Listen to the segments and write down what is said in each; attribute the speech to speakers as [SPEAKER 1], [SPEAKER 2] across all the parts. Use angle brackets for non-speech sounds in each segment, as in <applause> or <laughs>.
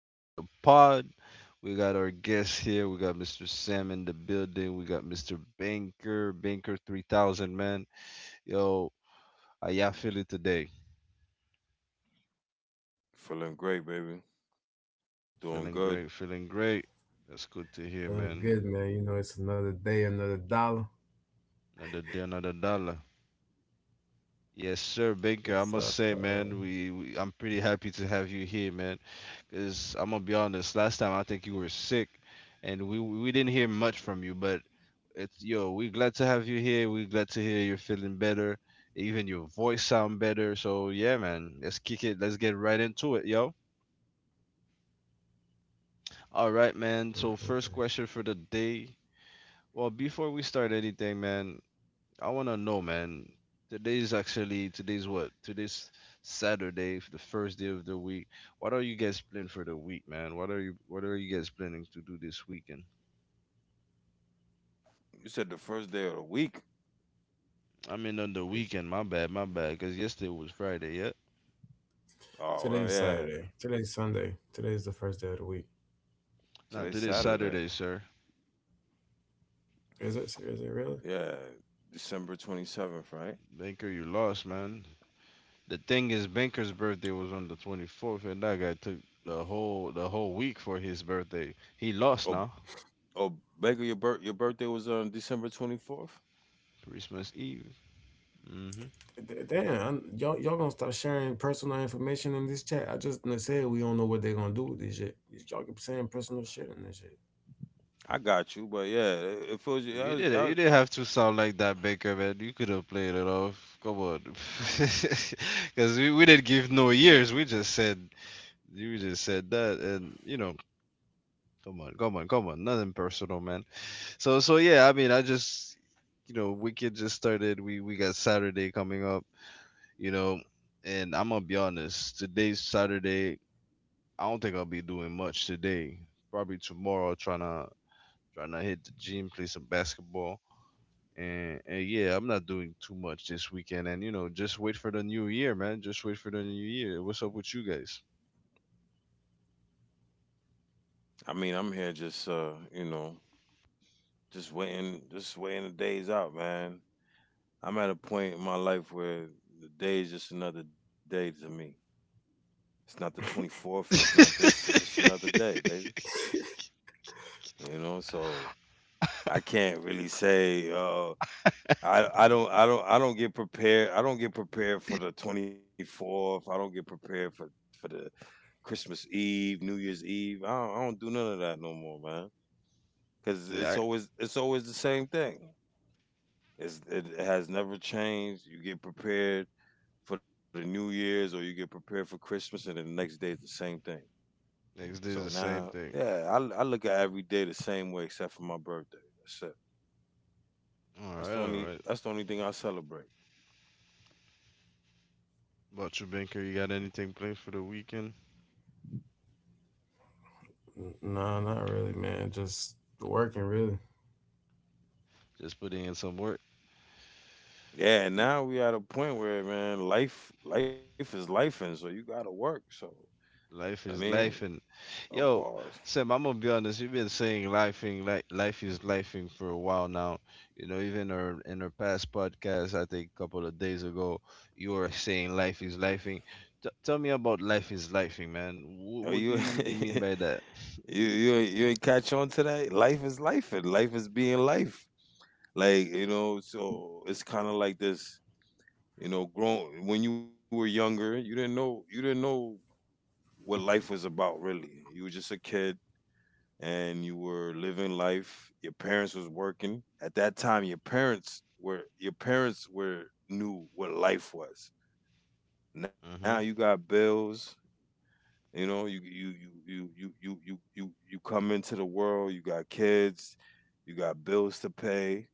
[SPEAKER 1] in the pod. We got our guest here. We got Mr. Sam in the building. We got Mr. Banker, Banker 3000, man. Yo, how y'all feeling today?
[SPEAKER 2] Feeling great, baby. Doing
[SPEAKER 1] Feeling
[SPEAKER 2] good.
[SPEAKER 1] great, feeling great. That's good to hear,
[SPEAKER 3] Feeling
[SPEAKER 1] man.
[SPEAKER 3] good, man. You know, it's another day, another dollar.
[SPEAKER 1] Another day, another dollar. Yes, sir, Baker. I
[SPEAKER 3] It's
[SPEAKER 1] must say,
[SPEAKER 3] mm,
[SPEAKER 1] man, we I'm pretty happy to have you here, man. Cause I'm gonna be honest, last time I think you were sick, and we didn't hear much from you. But it's yo, we're glad to have you here. We're glad to hear you're feeling better. Even your voice sound better. So yeah, man, let's kick it. Let's get right into it, yo. All right,
[SPEAKER 3] mm,
[SPEAKER 1] man.
[SPEAKER 3] mm.
[SPEAKER 1] So first question for the day. Well, before we start anything, man, I wanna know, man. Today's what? Today's Saturday, the first day of the week. What are you guys planning for the week, man? What are you guys planning to do this weekend?
[SPEAKER 2] You said the first day of the week.
[SPEAKER 1] I mean, on the
[SPEAKER 3] it's
[SPEAKER 1] weekend. My bad, my bad. Cause yesterday was Friday. Yeah.
[SPEAKER 2] Oh, well,
[SPEAKER 3] today's
[SPEAKER 2] yeah.
[SPEAKER 3] Saturday. Today's Sunday. Today's the first day of the week.
[SPEAKER 1] Nah,
[SPEAKER 2] Today's
[SPEAKER 1] today's
[SPEAKER 2] Saturday.
[SPEAKER 1] Saturday, sir.
[SPEAKER 3] Is it? Is it really?
[SPEAKER 2] Yeah, December 27th, right?
[SPEAKER 1] Banker, you lost, man. The thing is, Banker's birthday was on the 24th, and that guy took the whole week for his birthday. He
[SPEAKER 2] Oh,
[SPEAKER 1] lost now.
[SPEAKER 2] oh, Baker, your birthday was on December 24th.
[SPEAKER 1] Christmas Eve. Mhm.
[SPEAKER 3] Damn, y'all gonna start sharing personal information in this chat? I just done said we don't know what they're gonna do with this shit. Y'all keep saying personal shit in this shit.
[SPEAKER 2] I got you, but yeah, it feels. I,
[SPEAKER 1] You
[SPEAKER 2] was, I,
[SPEAKER 1] didn't. You
[SPEAKER 2] was,
[SPEAKER 1] didn't have to sound like that, Baker, man. You could have played it off. Come on, <laughs> because we didn't give no years. We just said you just said that, and you know, come on. Nothing personal, man. So yeah. I just you know, Wicked just started. We got Saturday coming up. You know, and I'm gonna be honest. Today's Saturday. I don't think I'll be doing much today. Probably tomorrow, trying to trying to hit the gym, play some basketball. And yeah, I'm not doing too much this weekend. And you know, just wait for the new year, man. Just wait for the new year. What's up with you guys?
[SPEAKER 2] I mean, I'm here just, you know, just waiting the days out, man. I'm at a point in my life where the day is just another day to me. It's not the 24th. It's not this. It's just another
[SPEAKER 1] <laughs>
[SPEAKER 2] day, baby. You know, so I can't really say. I don't get prepared. I don't get prepared for the 24th. I don't get prepared for the Christmas Eve, New Year's Eve. I don't do none of that no more, man. Because
[SPEAKER 1] Yeah,
[SPEAKER 2] it's always the same thing. It has never changed. You get prepared for the New Year's or you get prepared for Christmas, and then the next day is the same thing.
[SPEAKER 1] next day
[SPEAKER 2] So
[SPEAKER 1] is the same
[SPEAKER 2] now,
[SPEAKER 1] thing.
[SPEAKER 2] yeah, I look at every day the same way except for my birthday. That's it.
[SPEAKER 1] All right, all right.
[SPEAKER 2] That's the only thing I celebrate.
[SPEAKER 1] About you, Banker, you got anything planned for the weekend?
[SPEAKER 3] Nah, not really, man. Just working, really.
[SPEAKER 1] Just putting in some work.
[SPEAKER 2] Yeah, and
[SPEAKER 1] Y-
[SPEAKER 2] now we at a point where, man, life is life, and so you gotta work. So I
[SPEAKER 1] Life is
[SPEAKER 2] mean,
[SPEAKER 1] life, and
[SPEAKER 2] of
[SPEAKER 1] yo,
[SPEAKER 2] course.
[SPEAKER 1] Sam, I'm gonna be honest. You've been saying lifing, like life is lifing for a while now. You know, even our in our past podcast, I think a couple of days ago, you were saying life is lifing. T- tell me about life is lifing, man.
[SPEAKER 2] Are
[SPEAKER 1] Wh- what
[SPEAKER 2] you
[SPEAKER 1] do you really mean
[SPEAKER 2] <laughs>
[SPEAKER 1] by that?
[SPEAKER 2] you you ain't catch on to that? Life is life, and life is being life. Like, you know, so it's kinda like this, you know, grown when you were younger, you didn't know what life was about really. You were just a kid and you were living life. Your parents was working. At that time, your parents were knew what life was. Now
[SPEAKER 1] hmm
[SPEAKER 2] you got bills. You know, you come into the world. You got kids. You got bills to pay.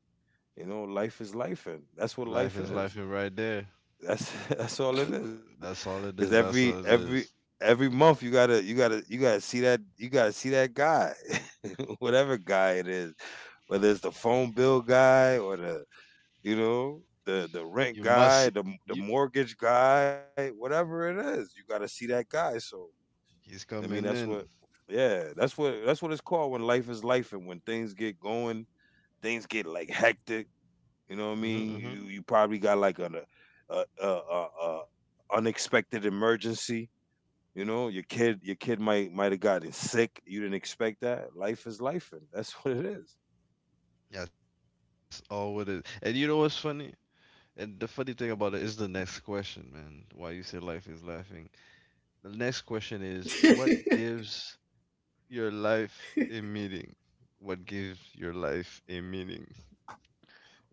[SPEAKER 2] You know, life is life, and that's what
[SPEAKER 1] Life
[SPEAKER 2] life
[SPEAKER 1] is
[SPEAKER 2] is.
[SPEAKER 1] lifing right there.
[SPEAKER 2] That's <laughs> that's all it
[SPEAKER 1] Th-
[SPEAKER 2] is.
[SPEAKER 1] that's
[SPEAKER 2] Because
[SPEAKER 1] all it is.
[SPEAKER 2] every
[SPEAKER 1] That's all
[SPEAKER 2] every
[SPEAKER 1] it is.
[SPEAKER 2] every month you gotta you gotta see that you gotta see that guy, <laughs> whatever guy it is, whether it's the phone bill guy or the you know the rent
[SPEAKER 1] You must.
[SPEAKER 2] guy, the
[SPEAKER 1] You.
[SPEAKER 2] mortgage guy, whatever it is, you gotta see that guy. So I
[SPEAKER 1] He's
[SPEAKER 2] mean that's
[SPEAKER 1] coming
[SPEAKER 2] what
[SPEAKER 1] in.
[SPEAKER 2] yeah, that's what it's called when life is life, and when things get going, things get like hectic, you know what I mean?
[SPEAKER 1] hmm
[SPEAKER 2] You
[SPEAKER 1] hmm
[SPEAKER 2] probably got like an a unexpected emergency. You know, your kid might have gotten sick. You didn't expect that. Life is life, and that's <laughs> what it is.
[SPEAKER 1] That's all it is. And you know what's funny? And the funny thing about it is the next question, man. Why you say life is laughing. The next question is what gives your life a meaning? What gives your life a meaning?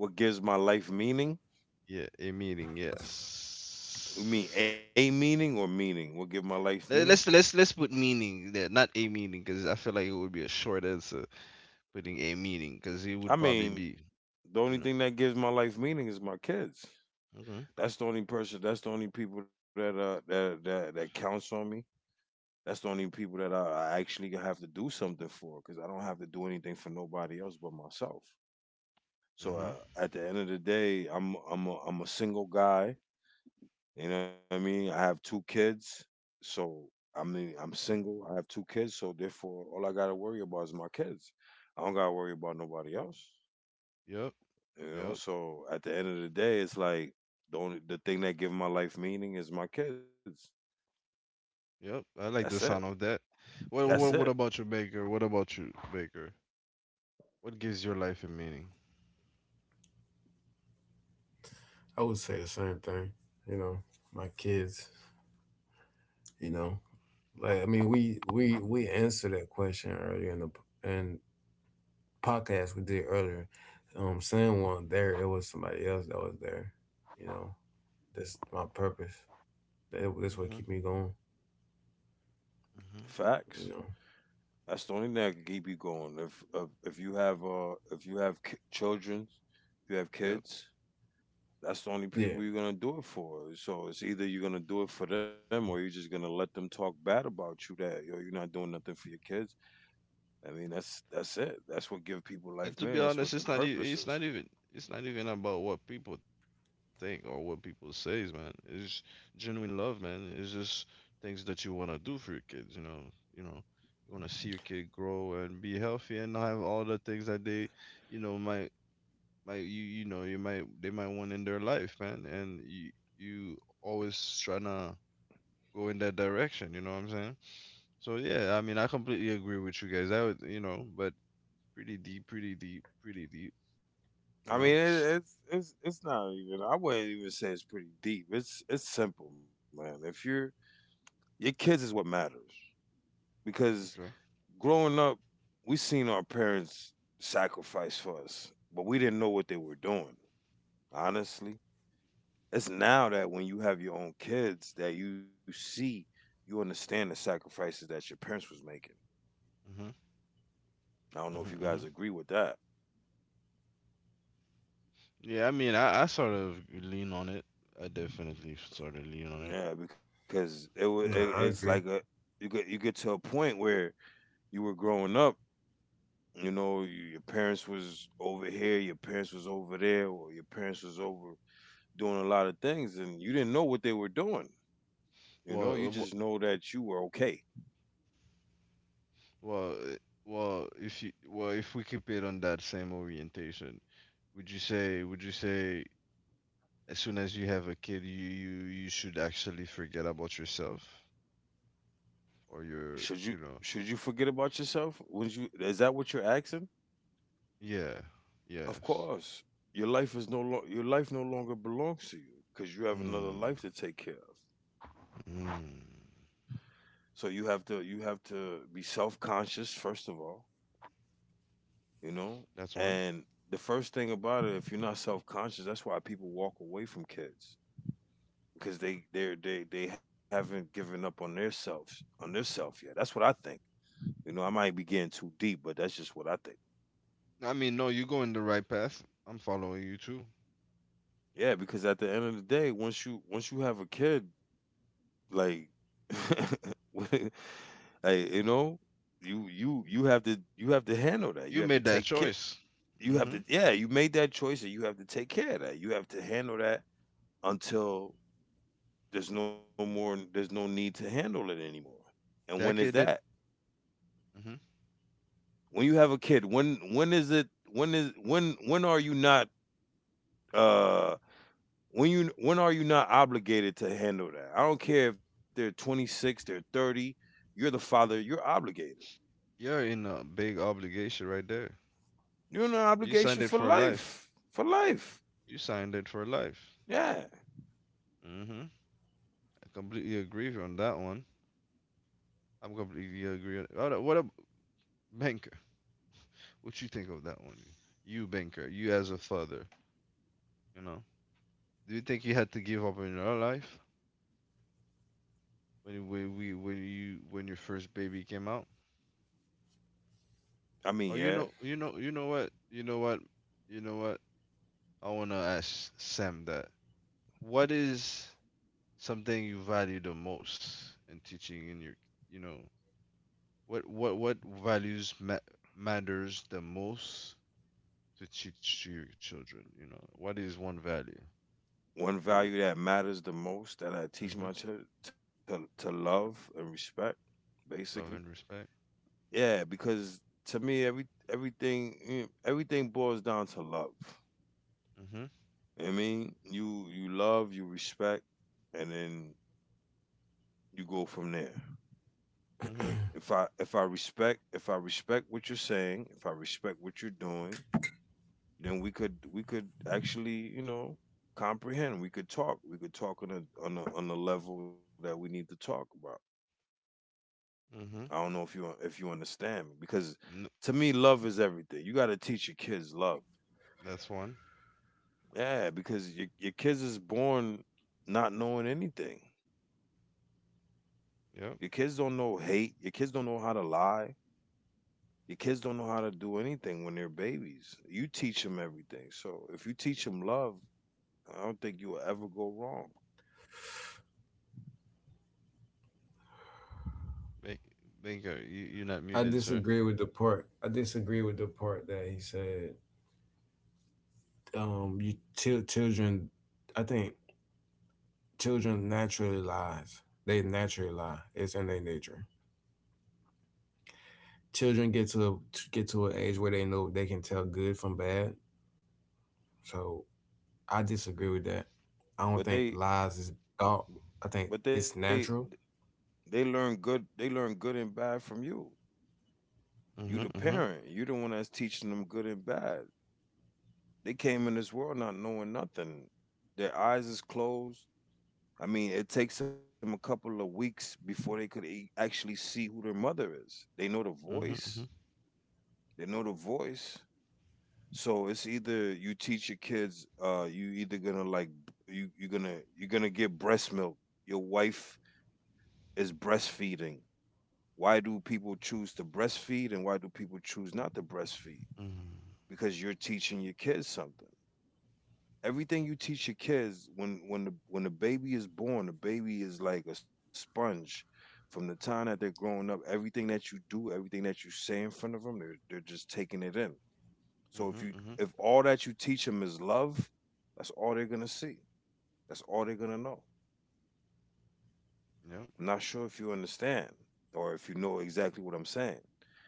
[SPEAKER 2] What gives my life meaning?
[SPEAKER 1] Yeah, a meaning,
[SPEAKER 2] You
[SPEAKER 1] yes.
[SPEAKER 2] mean a meaning or meaning? What give my life
[SPEAKER 1] Let-
[SPEAKER 2] meaning?
[SPEAKER 1] Let's let's let's put meaning there, not a meaning, because I feel like it would be a short answer putting a meaning, because it
[SPEAKER 2] I
[SPEAKER 1] would probably
[SPEAKER 2] mean,
[SPEAKER 1] be,
[SPEAKER 2] the
[SPEAKER 1] you
[SPEAKER 2] only
[SPEAKER 1] know.
[SPEAKER 2] thing that gives my life meaning is my kids.
[SPEAKER 1] Okay.
[SPEAKER 2] That's the only person. That's the only people that that counts on me. That's the only people that I actually have to do something for, because I don't have to do anything for nobody else but myself. So
[SPEAKER 1] Mhm.
[SPEAKER 2] at the end of the day, I'm a single guy. You know what I mean? I have two kids, so I mean I'm single. I have two kids, so therefore all I gotta worry about is my kids. I don't gotta worry about nobody else.
[SPEAKER 1] Yep.
[SPEAKER 2] You know,
[SPEAKER 1] Yep.
[SPEAKER 2] so at the end of the day, it's like the thing that give my life meaning is my kids.
[SPEAKER 1] Yep. I
[SPEAKER 2] That's
[SPEAKER 1] like
[SPEAKER 2] it.
[SPEAKER 1] the sound of that. What
[SPEAKER 2] That's
[SPEAKER 1] what
[SPEAKER 2] it.
[SPEAKER 1] what about you, Baker? What about you, Baker? What gives your life a meaning?
[SPEAKER 3] I would say the same thing. You know, my kids. You know, like, I mean, we answered that question earlier in the and podcast we did earlier. Sam wasn't there. It was somebody else that was there. You know, that's my purpose. That's what
[SPEAKER 1] Mm-hmm.
[SPEAKER 3] keep me going.
[SPEAKER 1] Mm-hmm.
[SPEAKER 2] Facts.
[SPEAKER 3] You know.
[SPEAKER 2] That's the only thing that can keep you going. If you have children, if you have
[SPEAKER 1] Yep.
[SPEAKER 2] kids, that's the only people
[SPEAKER 3] Yeah.
[SPEAKER 2] you're gonna do it for. So it's either you're gonna do it for them or you're just gonna let them talk bad about you that yo you're not doing nothing for your kids. I mean that's it. That's what give people
[SPEAKER 1] And
[SPEAKER 2] life,
[SPEAKER 1] to be
[SPEAKER 2] man. That's
[SPEAKER 1] honest,
[SPEAKER 2] what the
[SPEAKER 1] it's not even
[SPEAKER 2] purpose
[SPEAKER 1] it's
[SPEAKER 2] is.
[SPEAKER 1] not even it's not even about what people think or what people says, man. It's genuine love, man. It's just things that you wanna do for your kids, you know. You know, you wanna see your kid grow and be healthy and have all the things that they, you know, might you you know you might they might want in their life, man. And you always trying to go in that direction. You know what I'm saying? So yeah, I mean, I completely agree with you guys. I would, you know, but pretty deep. You
[SPEAKER 2] I
[SPEAKER 1] know.
[SPEAKER 2] mean, it's it's not even. I wouldn't even say it's pretty deep. It's simple, man. If you're your kids is what matters because
[SPEAKER 1] Okay.
[SPEAKER 2] growing up, we seen our parents sacrifice for us, but we didn't know what they were doing. Honestly, it's now that when you have your own kids that you see, you understand the sacrifices that your parents was making.
[SPEAKER 1] Mhm.
[SPEAKER 2] I don't know
[SPEAKER 1] Mhm.
[SPEAKER 2] if you
[SPEAKER 1] Mhm.
[SPEAKER 2] guys agree with that.
[SPEAKER 1] Yeah, I mean, I sort of lean on it. I definitely sort of lean on it.
[SPEAKER 2] Yeah, because it, wa- it
[SPEAKER 3] Nah, I
[SPEAKER 2] it's like
[SPEAKER 3] agree.
[SPEAKER 2] a you get to a point where you were growing up, you know, your parents was over here, your parents was over there, or your parents was over doing a lot of things, and you didn't know what they were doing. You know, you just know
[SPEAKER 1] Well, uh,
[SPEAKER 2] that you were okay.
[SPEAKER 1] wh- well, uh, well. If you, well, if we keep it on that same orientation, would you say, as soon as you have a kid, you you should actually forget about yourself or
[SPEAKER 2] should
[SPEAKER 1] your,
[SPEAKER 2] you
[SPEAKER 1] you know,
[SPEAKER 2] should you forget about yourself, would you, is that what you're asking?
[SPEAKER 1] yeah,
[SPEAKER 2] Of
[SPEAKER 1] yes.
[SPEAKER 2] course. Your life no longer belongs to you because you have another
[SPEAKER 1] Mm.
[SPEAKER 2] life to take care of.
[SPEAKER 1] Mm,
[SPEAKER 2] So you have to be self-conscious first of all, you know.
[SPEAKER 1] that's one.
[SPEAKER 2] And the first thing about it, if you're not self-conscious, that's why people walk away from kids, because they haven't given up on their selves on their self yet. That's what I think. You know, I might be getting too deep, but that's just what I think.
[SPEAKER 1] I mean, no, you're going the right path. I'm following you too.
[SPEAKER 2] Yeah, because at the end of the day, once you have a kid, like <laughs> hey, you know, you have to handle that, you
[SPEAKER 1] You
[SPEAKER 2] have to
[SPEAKER 1] made that
[SPEAKER 2] take care,
[SPEAKER 1] choice.
[SPEAKER 2] you have to,
[SPEAKER 1] Mm-hmm.
[SPEAKER 2] yeah, you made that choice, and you have to take care of that, you have to handle that until there's no more there's no need to handle it anymore. And when is
[SPEAKER 1] That kid
[SPEAKER 2] that?
[SPEAKER 1] didn't. Mm-hmm.
[SPEAKER 2] When you have a kid, when are you not uh when are you not obligated to handle that? I don't care if they're 26, they're 30, you're the father, you're obligated.
[SPEAKER 1] You're in a big obligation right there.
[SPEAKER 2] You're in an
[SPEAKER 1] You
[SPEAKER 2] obligation
[SPEAKER 1] signed it
[SPEAKER 2] for
[SPEAKER 1] for life.
[SPEAKER 2] life. For life.
[SPEAKER 1] You signed it for life.
[SPEAKER 2] Yeah.
[SPEAKER 1] Mm-hmm. I completely agree with you on that one. I'm completely agree. What a banker. What you think of that one? You banker. You as a father. You know. Do you think you had to give up on your life when you- when we when you when your first baby came out?
[SPEAKER 2] I mean,
[SPEAKER 1] Oh, you
[SPEAKER 2] yeah.
[SPEAKER 1] know, you know, you know what, you know what, you know what. I wanna ask Sam that. What is something you value the most in teaching in your, you know, what values ma- matters the most to teach to your children? You know, what is one value?
[SPEAKER 2] One
[SPEAKER 1] Uh,
[SPEAKER 2] value that matters the most that I teach
[SPEAKER 1] Mm-hmm.
[SPEAKER 2] my children: to love and respect, basically.
[SPEAKER 1] Love and respect.
[SPEAKER 2] Yeah, because to me, every everything everything boils down to love.
[SPEAKER 1] Mm-hmm.
[SPEAKER 2] I mean, you love, you respect, and then you go from there.
[SPEAKER 1] Mm-hmm.
[SPEAKER 2] If I respect what you're saying, if I respect what you're doing, then we could actually, you know, comprehend. We could talk. We could talk on a on the level that we need to talk about. I
[SPEAKER 1] Mm-hmm.
[SPEAKER 2] don't know if you understand me, because
[SPEAKER 1] No,
[SPEAKER 2] to me, love is everything. You got to teach your kids love.
[SPEAKER 1] that's one.
[SPEAKER 2] Yeah, because your kids is born not knowing anything.
[SPEAKER 1] Yep.
[SPEAKER 2] Your kids don't know hate. Your kids don't know how to lie. Your kids don't know how to do anything when they're babies. You teach them everything. So if you teach them love, I don't think you will ever go wrong.
[SPEAKER 1] Ba- Bingo. You you're not
[SPEAKER 3] I
[SPEAKER 1] muted, sir.
[SPEAKER 3] disagree with the part. I disagree with the part that he said. You til children. I think children naturally lies. They naturally lie. It's in their nature. Children get to an age where they know they can tell good from bad. So I disagree with that. I don't
[SPEAKER 2] But
[SPEAKER 3] think
[SPEAKER 2] they,
[SPEAKER 3] lies is thought. I think
[SPEAKER 2] but they,
[SPEAKER 3] it's natural.
[SPEAKER 2] they learn good. They learn good and bad from you. You the
[SPEAKER 1] Mm-hmm. Mm-hmm.
[SPEAKER 2] parent. You the one that's teaching them good and bad. They came in this world not knowing nothing. Their eyes is closed. I mean, it takes them a couple of weeks before they could actually see who their mother is. They know the
[SPEAKER 1] Mm-hmm.
[SPEAKER 2] voice.
[SPEAKER 1] Mm-hmm.
[SPEAKER 2] They know the voice. So it's either you teach your kids, you either gonna like you're gonna get breast milk. Your wife is breastfeeding. Why do people choose to breastfeed, and why do people choose not to breastfeed?
[SPEAKER 1] Mm-hmm.
[SPEAKER 2] Because you're teaching your kids something. Everything you teach your kids when when the baby is born, the baby is like a sponge. From the time that they're growing up, everything that you do, everything that you say in front of them, they're just taking it in. So if you,
[SPEAKER 1] Mm-hmm.
[SPEAKER 2] if all that you teach them is love, that's all they're gonna see. That's all they're gonna know. I'm not
[SPEAKER 1] Yep.
[SPEAKER 2] sure if you understand or if you know exactly what I'm saying.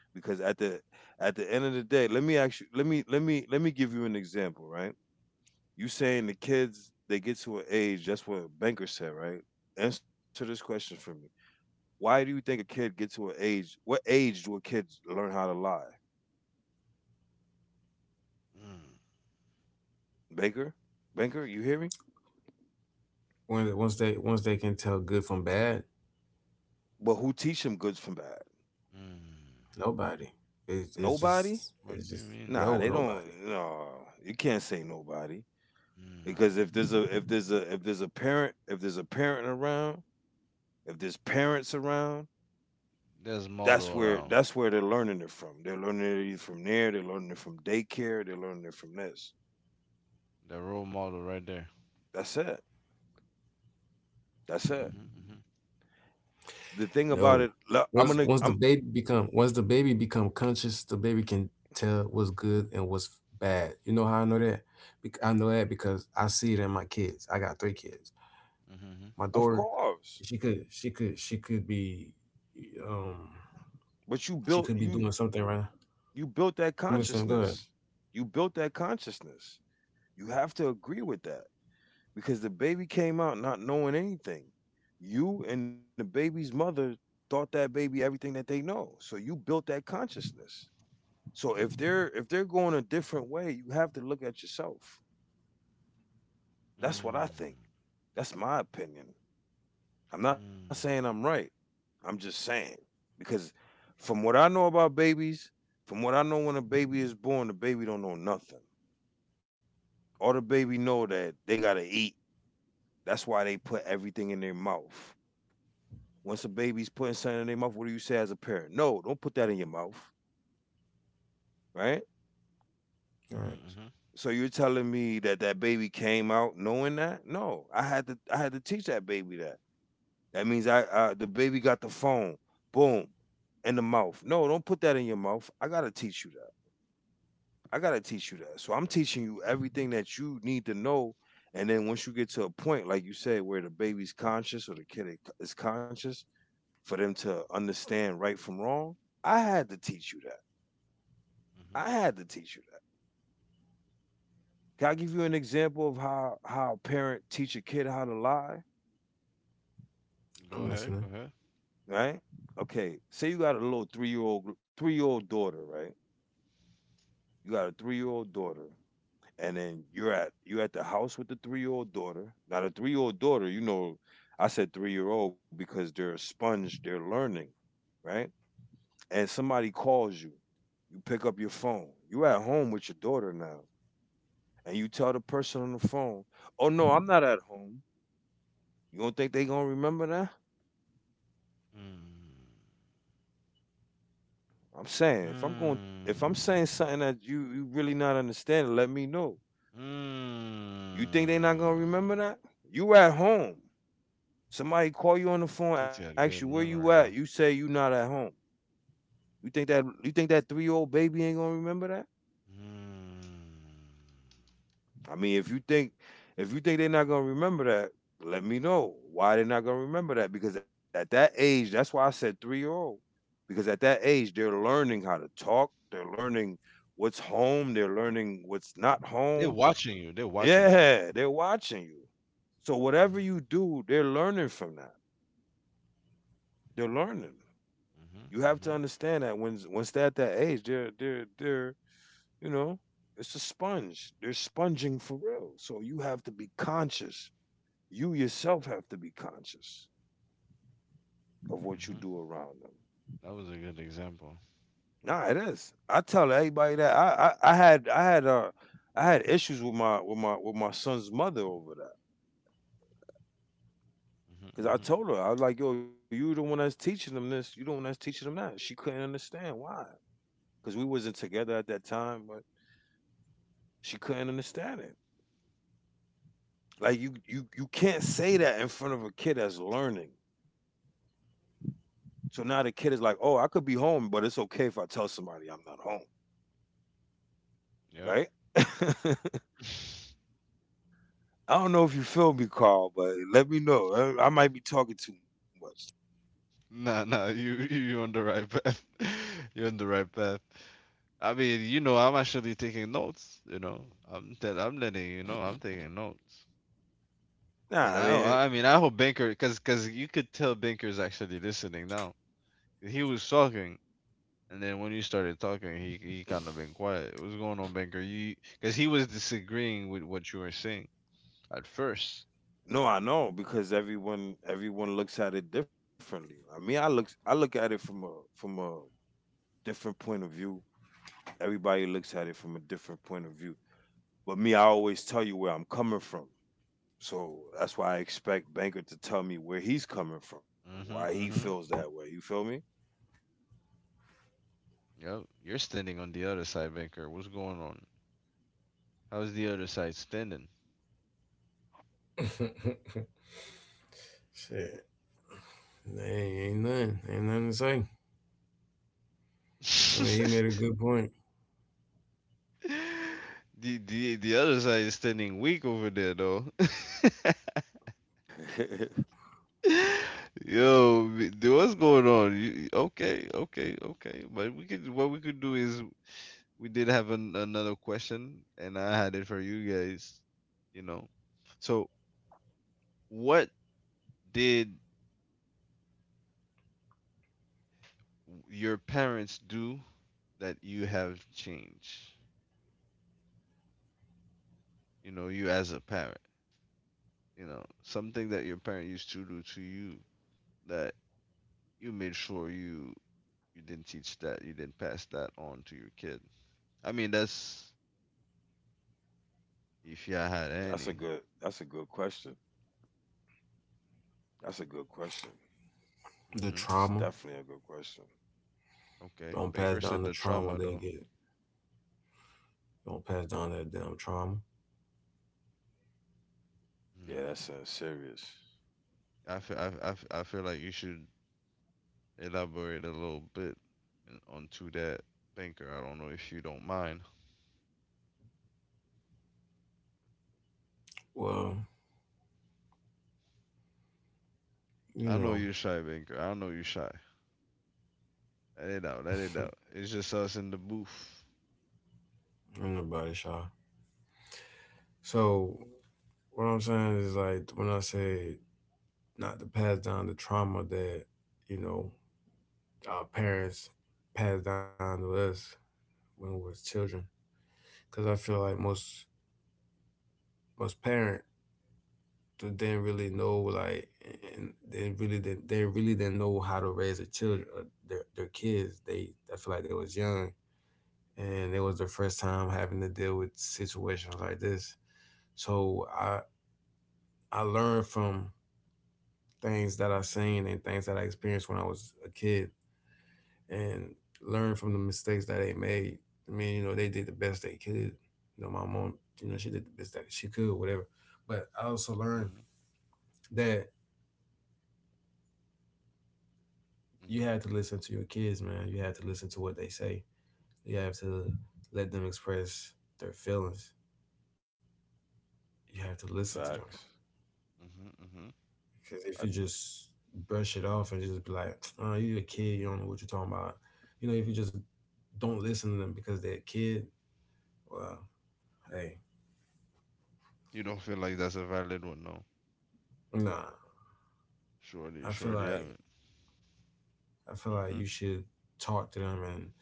[SPEAKER 2] Because at the end of the day, let me let me give you an example, right? You saying the kids they get to an age? That's what Banker said, right? Answer this question for me. Why do you think a kid get to an age? What age do a kid learn how to lie?
[SPEAKER 1] Mm.
[SPEAKER 2] Baker, Banker, you hear me?
[SPEAKER 3] When once they can tell good from bad,
[SPEAKER 2] But who teach them goods from bad?
[SPEAKER 1] Mm.
[SPEAKER 3] nobody.
[SPEAKER 2] Nobody.
[SPEAKER 3] It's
[SPEAKER 1] What do
[SPEAKER 3] just
[SPEAKER 1] you mean?
[SPEAKER 2] Nah,
[SPEAKER 3] no
[SPEAKER 2] they
[SPEAKER 3] nobody.
[SPEAKER 2] don't. No, you can't say nobody,
[SPEAKER 1] Mm.
[SPEAKER 2] because if there's a if there's a parent around, if there's parents around,
[SPEAKER 1] There's model around.
[SPEAKER 2] that's where they're learning it from. They're learning it either from there, they're learning it from daycare, they're learning it from this.
[SPEAKER 1] The role model right there.
[SPEAKER 2] That's it. That's it.
[SPEAKER 1] Mm-hmm, mm-hmm,
[SPEAKER 2] The thing about it,
[SPEAKER 3] No.
[SPEAKER 2] lo- I'm gonna,
[SPEAKER 3] Once
[SPEAKER 2] I'm
[SPEAKER 3] once the baby become once the baby become conscious, the baby can tell what's good and what's bad. You know how I know that? I know that because I see it in my kids. I got three kids.
[SPEAKER 1] mm-hmm,
[SPEAKER 3] My
[SPEAKER 2] of
[SPEAKER 3] daughter,
[SPEAKER 2] course,
[SPEAKER 3] she could be um
[SPEAKER 2] but
[SPEAKER 3] she could be doing something right.
[SPEAKER 2] you built that
[SPEAKER 3] I'm listening. Go ahead.
[SPEAKER 2] consciousness. You built that consciousness. You have to agree with that because the baby came out not knowing anything. You and the baby's mother taught that baby everything that they know. So you built that consciousness. So if they're going a different way, you have to look at yourself. That's what I think.
[SPEAKER 1] mm,
[SPEAKER 2] That's my opinion. I'm not saying I'm right. I'm just saying because from what I know about babies, from what I know when a baby is born, the baby don't know nothing. All the baby know that they gotta eat. That's why they put everything in their mouth. Once a baby's putting something in their mouth, what do you say as a parent? No, don't put that in your mouth, right?
[SPEAKER 3] All
[SPEAKER 1] mm,
[SPEAKER 3] right,
[SPEAKER 1] mm-hmm, mm-hmm,
[SPEAKER 2] So you're telling me that that baby came out knowing that? No, I had to teach that baby that. That means I the baby got the phone, boom, in the mouth. No, don't put that in your mouth. I gotta teach you that. I gotta teach you that. So I'm teaching you everything that you need to know. And then once you get to a point, like you say, where the baby's conscious or the kid is conscious, for them to understand right from wrong, I had to teach you that.
[SPEAKER 1] mm-hmm.
[SPEAKER 2] I had to teach you that. Can I give you an example of how a parent teach a kid how to lie?
[SPEAKER 1] Go
[SPEAKER 3] I'm
[SPEAKER 1] ahead,
[SPEAKER 3] listening.
[SPEAKER 1] go ahead.
[SPEAKER 2] Right? Okay, say you got a little three year old daughter, right? You got a 3-year-old daughter, and then you're at the house with the 3-year-old daughter. Now the 3-year-old daughter, you know, I said 3-year-old because they're a sponge, they're learning, right? And somebody calls you, you pick up your phone. You're at home with your daughter now, and you tell the person on the phone, "Oh no, I'm not at home." You don't think they gonna remember that?
[SPEAKER 1] Mm,
[SPEAKER 2] I'm saying if I'm
[SPEAKER 1] mm,
[SPEAKER 2] saying something that you really not understanding, let me know. You think they
[SPEAKER 1] mm.
[SPEAKER 2] not gonna remember that? You at home. Somebody call you on the phone,
[SPEAKER 1] Kids
[SPEAKER 2] ask you
[SPEAKER 1] got
[SPEAKER 2] where
[SPEAKER 1] good
[SPEAKER 2] you at. You
[SPEAKER 1] memory though.
[SPEAKER 2] say you not at home. You think that 3-year-old baby ain't gonna remember that?
[SPEAKER 1] Mm.
[SPEAKER 2] I mean, if you think they're not gonna remember that, let me know why they're not gonna remember that. Because at that age, that's why I said 3-year-old. Because at that age, they're learning how to talk. They're learning what's home. They're learning what's not
[SPEAKER 1] They're
[SPEAKER 2] home.
[SPEAKER 1] watching you. They're watching you.
[SPEAKER 2] Yeah, they're watching you. So
[SPEAKER 1] Mm-hmm,
[SPEAKER 2] whatever you do, they're learning from that. They're learning. You
[SPEAKER 1] mm-hmm,
[SPEAKER 2] have to
[SPEAKER 1] mm-hmm,
[SPEAKER 2] understand that when once they're at that age, you know, it's a sponge. They're sponging for real. So you have to be conscious. You yourself have to be conscious of what you do
[SPEAKER 1] mm-hmm.
[SPEAKER 2] around them.
[SPEAKER 1] That was a good example.
[SPEAKER 2] Nah, it is. I tell everybody that I had I had I had issues with my son's mother over that. Cause
[SPEAKER 1] hmm
[SPEAKER 2] I
[SPEAKER 1] hmm
[SPEAKER 2] told her I was like, "Yo, you the one that's teaching them this. You the one that's teaching them that." She couldn't understand why, cause we wasn't together at that time. But she couldn't understand it. Like you can't say that in front of a kid that's learning. So now the kid is like, "Oh, I could be home, but it's okay if I tell somebody I'm not home."
[SPEAKER 1] Yep.
[SPEAKER 2] Right? <laughs> I
[SPEAKER 1] <laughs>
[SPEAKER 2] don't know if you feel me, Carl, but let me know. I might be talking too much.
[SPEAKER 1] Nah, you <laughs> you on the right path. <laughs> You're on the right path. I mean, you know, I'm actually taking notes. You know, I'm letting you know I'm taking notes.
[SPEAKER 2] Nah,
[SPEAKER 1] And
[SPEAKER 2] I mean,
[SPEAKER 1] I mean I hope Banker because you could tell Banker's actually listening now. He was talking, and then when you started talking, he kind of been quiet. What's going on, Banker? You because he was disagreeing with what you were saying at first.
[SPEAKER 2] no, I know because everyone looks at it differently. I mean, I look at it from a from a different point of view. Everybody looks at it from a different point of view. But me, I always tell you where I'm coming from. So that's why I expect Banker to tell me where he's coming from, why
[SPEAKER 1] Mm-hmm.
[SPEAKER 2] he feels
[SPEAKER 1] Mm-hmm.
[SPEAKER 2] that way. You feel me?
[SPEAKER 1] Yep. You're standing on the other side, Banker. What's going on? How's the other side standing?
[SPEAKER 3] <laughs> Shit, nah, ain't nothing to say. I mean, he
[SPEAKER 1] <laughs>
[SPEAKER 3] made a good point.
[SPEAKER 1] The other side is standing weak over there though.
[SPEAKER 2] <laughs>
[SPEAKER 1] <laughs> Yo, what's going on? You, okay. But we could what we could do is we did have another question and I had it for you guys, you know. So, what did your parents do that you have changed? You know, you as a parent. You know something that your parent used to do to you that you made sure you didn't teach that you didn't pass that on to your kid. I mean that's if you had any.
[SPEAKER 2] That's a good question. That's a good question.
[SPEAKER 3] The
[SPEAKER 2] It's
[SPEAKER 1] hmm
[SPEAKER 2] definitely a
[SPEAKER 3] trauma.
[SPEAKER 2] good question.
[SPEAKER 1] okay,
[SPEAKER 3] Don't pass
[SPEAKER 1] Baker
[SPEAKER 3] down
[SPEAKER 1] said
[SPEAKER 3] the
[SPEAKER 1] the
[SPEAKER 3] trauma
[SPEAKER 1] trauma
[SPEAKER 3] they
[SPEAKER 1] though.
[SPEAKER 3] get. Don't pass down that damn trauma.
[SPEAKER 2] Yeah,
[SPEAKER 1] hmm.
[SPEAKER 2] that's serious
[SPEAKER 1] I, feel, I, f- I feel like you should elaborate a little bit in- onto that, Banker. I don't know if you don't mind.
[SPEAKER 3] Well, you
[SPEAKER 1] I know
[SPEAKER 3] know,
[SPEAKER 1] you're shy, Banker. I know you're shy. Let it out, let
[SPEAKER 3] <laughs>
[SPEAKER 1] it
[SPEAKER 3] ain't
[SPEAKER 1] out. It's just us in the booth.
[SPEAKER 3] nobody shy. So what I'm saying is, like, when I say not to pass down the trauma that, you know, our parents passed down to us when we was children, because I feel like most parent, they didn't really know, like, and they really didn't know how to raise their kids. They, I feel like they was young, and it was their first time having to deal with situations like this. So I learned from things that I seen and things that I experienced when I was a kid, and learned from the mistakes that they made. I mean, you know, they did the best they could. You know, my mom, you know, she did the best that she could, whatever. But I also learned
[SPEAKER 1] hmm
[SPEAKER 3] that you
[SPEAKER 1] hmm
[SPEAKER 3] have to listen to your kids, man. You have to listen to what they say. You have to let them express their feelings. You have to listen to them.
[SPEAKER 1] hmm
[SPEAKER 2] facts.
[SPEAKER 1] hmm hmm
[SPEAKER 3] Because if
[SPEAKER 2] I
[SPEAKER 3] you just brush it off and just be like, oh, you're a kid, you don't know what you're talking about. You know, if you just don't listen to them because they're a kid, well, hey,
[SPEAKER 1] You don't feel like that's a valid one, no?
[SPEAKER 3] nah.
[SPEAKER 1] Surely,
[SPEAKER 3] I feel
[SPEAKER 1] surely
[SPEAKER 3] like
[SPEAKER 1] haven't.
[SPEAKER 3] I feel
[SPEAKER 1] Mm-hmm.
[SPEAKER 3] like you should talk to them and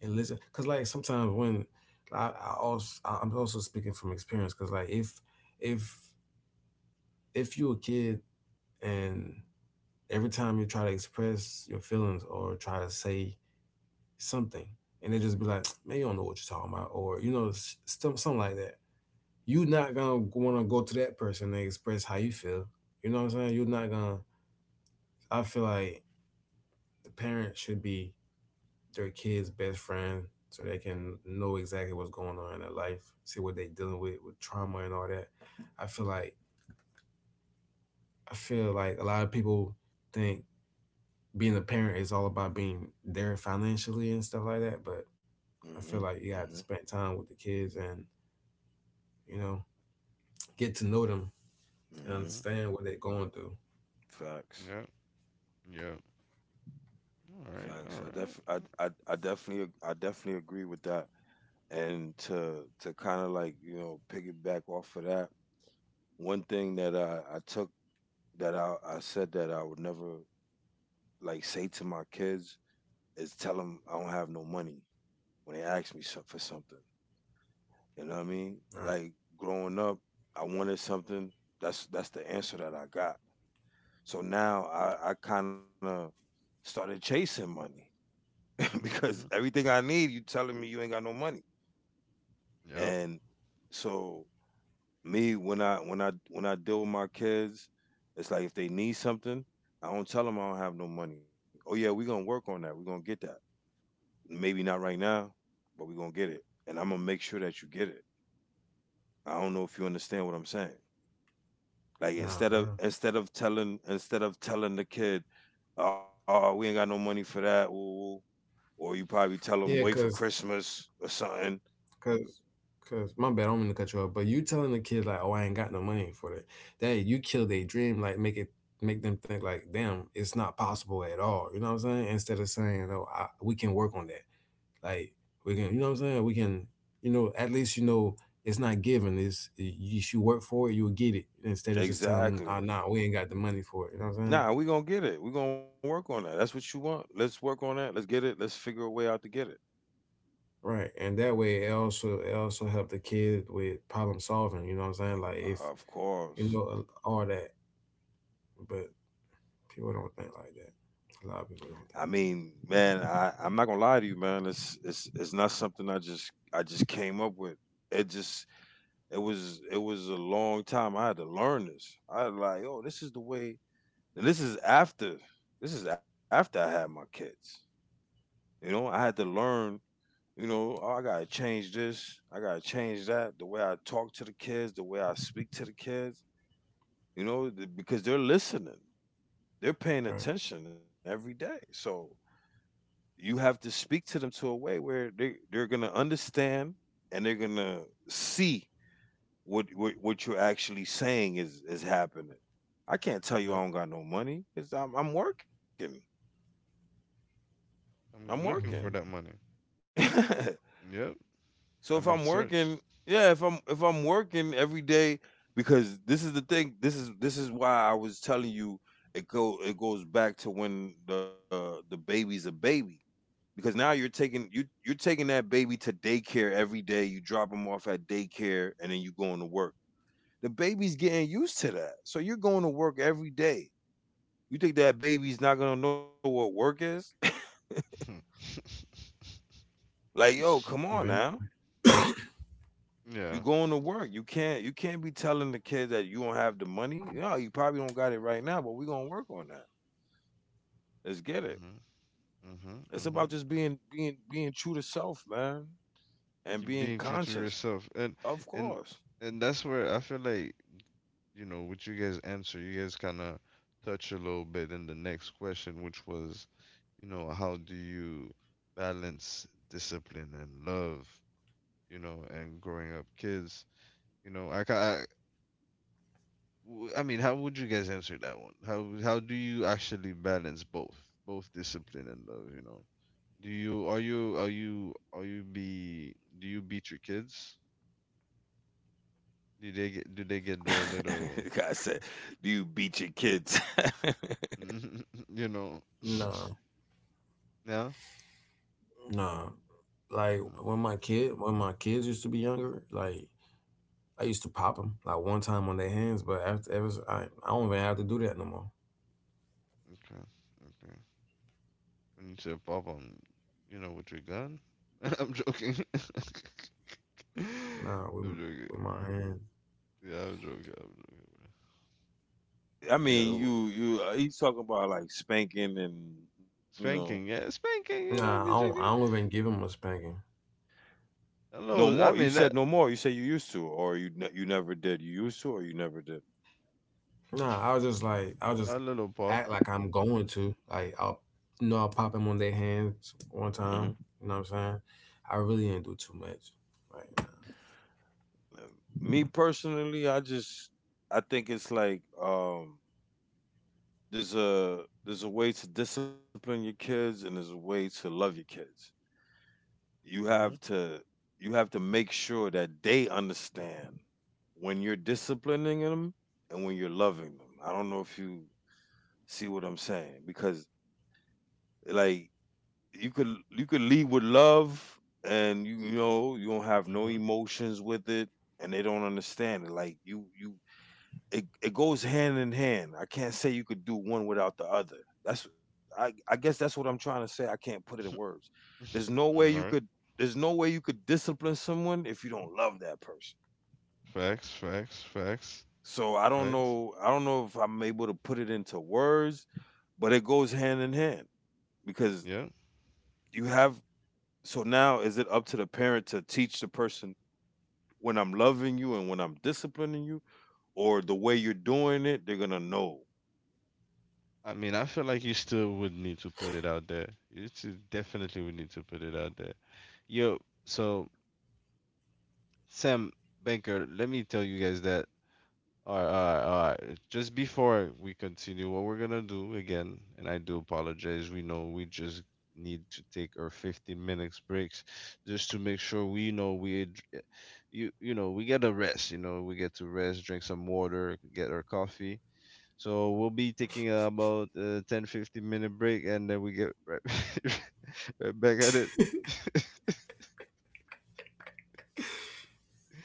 [SPEAKER 3] listen. Cause like sometimes when I also, I'm also speaking from experience. Cause like if if you're a kid, and every time you try to express your feelings or try to say something, and they just be like, man, you don't know what you're talking about, or, you know, stuff, something like that, you not going to want to go to that person and express how you feel. You know what I'm saying? You're not going to. I feel like the parents should be their kids' best friend, so they can know exactly what's going on in their life, see what they're dealing with trauma and all that. I feel like, I feel like a lot of people think being a parent is all about being there financially and stuff like that. But I
[SPEAKER 2] mm-hmm,
[SPEAKER 3] feel like you have to
[SPEAKER 2] mm-hmm,
[SPEAKER 3] spend time with the kids and, you know, get to know them and
[SPEAKER 2] mm-hmm.
[SPEAKER 1] Mm-hmm.
[SPEAKER 3] understand what they're going through.
[SPEAKER 2] Facts,
[SPEAKER 1] Yep. Yep. All
[SPEAKER 2] facts. I
[SPEAKER 1] right. All
[SPEAKER 2] def,
[SPEAKER 1] right.
[SPEAKER 2] I definitely, ag- I definitely agree with that. And to kind of like piggyback off of that, one thing that I took that I said that I would never like say to my kids is tell them I don't have no money when they ask me for something. You know what I mean?
[SPEAKER 3] Right.
[SPEAKER 2] Like growing up, I wanted something. That's the answer that I got. So now I kind of started chasing money <laughs>
[SPEAKER 1] Mm-hmm.
[SPEAKER 2] because
[SPEAKER 1] Mm-hmm.
[SPEAKER 2] everything I need, you telling me you ain't got no money.
[SPEAKER 1] Yep.
[SPEAKER 2] And so me when I deal with my kids, it's like if they need something, I don't tell them I don't have no money. Oh yeah, we gonna work on that. We gonna get that. Maybe not right now, but we're gonna get it. And I'm gonna make sure that you get it. I don't know if you understand what I'm saying. Like
[SPEAKER 3] Nah,
[SPEAKER 2] instead
[SPEAKER 3] for
[SPEAKER 2] of
[SPEAKER 3] real.
[SPEAKER 2] instead of telling instead of telling the kid, oh, we ain't got no money for that, ooh, or you probably tell
[SPEAKER 3] Yeah,
[SPEAKER 2] them wait for Christmas or something.
[SPEAKER 3] cause, cause my bad. I don't mean to cut you off, but you telling the kid like, "Oh, I ain't got no money for that." That, you kill their dream, make them think like, "Damn, it's not possible at all." You know what I'm saying? Instead of saying, "No, I, we can work on that." Like, we can, you know what I'm saying? We can, you know, at least you know it's not given. It's, if you work for it, you'll get it, instead of just telling them, "Ah,
[SPEAKER 2] Exactly.
[SPEAKER 3] nah, we ain't got the money for it." You know what I'm saying?
[SPEAKER 2] Nah, we gonna get it. We gonna work on that. That's what you want. Let's work on that. Let's get it. Let's figure a way out to get it.
[SPEAKER 3] Right, and that way it also helped the kid with problem solving. You know what I'm saying? Like if
[SPEAKER 2] Of
[SPEAKER 3] you
[SPEAKER 2] course.
[SPEAKER 3] know all that, but people don't think like that. A lot of people don't
[SPEAKER 2] I
[SPEAKER 3] think
[SPEAKER 2] mean, man, I'm not gonna lie to you, man. It's not something I just came up with. It just it was a long time. I had to learn this. I was like, oh, this is the way. And this is after I had my kids. You know, I had to learn. You know, oh, I gotta change this. I gotta change that. The way I talk to the kids, the way I speak to the kids. You know, because they're listening, they're paying
[SPEAKER 3] like that. Right?
[SPEAKER 2] attention every day. So you have to speak to them to a way where they're gonna understand and they're gonna see what you're actually saying is happening. I can't tell you I
[SPEAKER 1] Yep.
[SPEAKER 2] don't got no money because I'm working. I'm
[SPEAKER 1] I'm looking
[SPEAKER 2] working.
[SPEAKER 1] for that
[SPEAKER 3] Mm-hmm.
[SPEAKER 1] money.
[SPEAKER 2] <laughs>
[SPEAKER 1] Yep.
[SPEAKER 2] So if
[SPEAKER 1] I'm in
[SPEAKER 2] I'm
[SPEAKER 1] search.
[SPEAKER 2] working, yeah, if I'm working every day, because this is the thing. This is why I was telling you it goes back to when the baby's a baby because now you're taking that baby to daycare every day. You drop him off at daycare and then you going to work. The baby's getting used to that. So you're going to work every day. You think that baby's not gonna know what work is?
[SPEAKER 1] <laughs>
[SPEAKER 2] <laughs> Like, yo, come on now.
[SPEAKER 3] Eventually,
[SPEAKER 2] You
[SPEAKER 1] Yeah.
[SPEAKER 2] going to work. You can't be telling the kids that you don't have the money. No, you probably don't got it right now, but we're gonna work on that. Let's get it.
[SPEAKER 1] Mhm.
[SPEAKER 2] It's
[SPEAKER 1] Mhm.
[SPEAKER 2] about just
[SPEAKER 1] Mhm.
[SPEAKER 2] being true to self, man, and
[SPEAKER 1] Keep
[SPEAKER 2] being
[SPEAKER 1] being true to
[SPEAKER 2] conscious.
[SPEAKER 1] yourself, and
[SPEAKER 2] Of
[SPEAKER 1] and
[SPEAKER 2] course.
[SPEAKER 1] and that's where I feel like you know, with you guys' answer, you guys kind of touch a little bit in the next question, which was, you know, how do you balance discipline and love, you know, and growing up kids? You know, I, ca- I, w- I mean, how would you guys answer that one? How do you actually balance both, both discipline and love? You know, do you are you are you are you be do you beat your kids? Do they get
[SPEAKER 2] <laughs>
[SPEAKER 1] their little,
[SPEAKER 2] I said, "Do you beat your kids?" <laughs>
[SPEAKER 1] <laughs> you know,
[SPEAKER 3] nah,
[SPEAKER 1] <laughs> now?
[SPEAKER 3] nah. Like when my kid when my kids used to be younger, like I used to pop them like one time on their hands, but after ever I don't even have to do that no more.
[SPEAKER 1] Okay, okay. When you said pop, you know, with your gun? <laughs> I'm joking. <laughs>
[SPEAKER 3] Nah,
[SPEAKER 1] I'm
[SPEAKER 3] with
[SPEAKER 1] joking.
[SPEAKER 3] my hand.
[SPEAKER 1] Yeah, I'm joking. I'm joking, bro.
[SPEAKER 2] I
[SPEAKER 1] Yeah,
[SPEAKER 2] mean,
[SPEAKER 1] w-
[SPEAKER 2] you he's talking about like spanking, and you know.
[SPEAKER 1] spanking. Yeah, spanking. You know,
[SPEAKER 3] Nah,
[SPEAKER 1] be joking.
[SPEAKER 3] I don't even give them a spanking.
[SPEAKER 1] A
[SPEAKER 2] No
[SPEAKER 1] little.
[SPEAKER 2] more.
[SPEAKER 1] I
[SPEAKER 2] You
[SPEAKER 1] mean,
[SPEAKER 2] said
[SPEAKER 1] that
[SPEAKER 2] no more. You said you used to, or you never did. You used to, or you never did.
[SPEAKER 3] Nah, I was just like I'll just
[SPEAKER 1] a little pop.
[SPEAKER 3] act like I'm going to, like, I'll, you know, I'll pop them on their hands one
[SPEAKER 2] Hmm.
[SPEAKER 3] time. You know what I'm saying? I really didn't do too much. Like,
[SPEAKER 2] Me personally, I think it's like there's a way to discipline your kids and there's a way to love your kids. You have
[SPEAKER 1] Mhm.
[SPEAKER 2] to you have to make sure that they understand when you're disciplining them and when you're loving them. I don't know if you see what I'm saying because like you could lead with love and you know you don't have no
[SPEAKER 1] Mhm.
[SPEAKER 2] emotions with it and they don't understand it. Like you it goes hand in hand. I can't say you could do one without the other. That's I guess that's what I'm trying to say. I can't put it in words. There's no
[SPEAKER 1] <laughs>
[SPEAKER 2] way
[SPEAKER 1] All
[SPEAKER 2] you
[SPEAKER 1] right.
[SPEAKER 2] could discipline someone if you don't love that person.
[SPEAKER 1] Facts. Facts. Facts.
[SPEAKER 2] So I don't
[SPEAKER 1] Facts.
[SPEAKER 2] know I don't know if I'm able to put it into words, but it goes hand in hand because
[SPEAKER 1] Yeah.
[SPEAKER 2] you have so now is it up to the parent to teach the person when I'm loving you and when I'm disciplining you or the way you're doing it, they're going to know.
[SPEAKER 1] I mean, I feel like you still would need to put it out there. You still definitely would need to put it out there. Yo, so Sam Banker, let me tell you guys that. All right. Just before we continue, what we're gonna do again, and I do apologize. We know we just need to take our 15 minutes breaks just to make sure we know we ad- eh, you know we get a rest. You know we get to rest, drink some water, get our coffee. So we'll be taking about a 10 15 minute break, and then we get right, <laughs> right back at it. <laughs>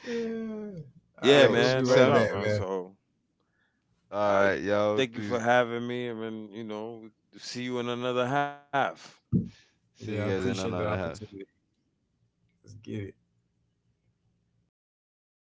[SPEAKER 3] yeah. All
[SPEAKER 2] Yeah,
[SPEAKER 3] right,
[SPEAKER 1] Yo,
[SPEAKER 3] we'll
[SPEAKER 1] S-
[SPEAKER 3] be
[SPEAKER 2] man, no
[SPEAKER 3] right
[SPEAKER 1] Sam.
[SPEAKER 2] doubt,
[SPEAKER 3] back,
[SPEAKER 2] man.
[SPEAKER 3] man.
[SPEAKER 2] So
[SPEAKER 1] All
[SPEAKER 2] I
[SPEAKER 1] right, y'all.
[SPEAKER 2] thank you for
[SPEAKER 1] Please
[SPEAKER 2] having me, and see you in another half.
[SPEAKER 1] see you
[SPEAKER 3] Yeah, I
[SPEAKER 1] guys in
[SPEAKER 3] appreciate the
[SPEAKER 1] another
[SPEAKER 3] opportunity. Let's get it.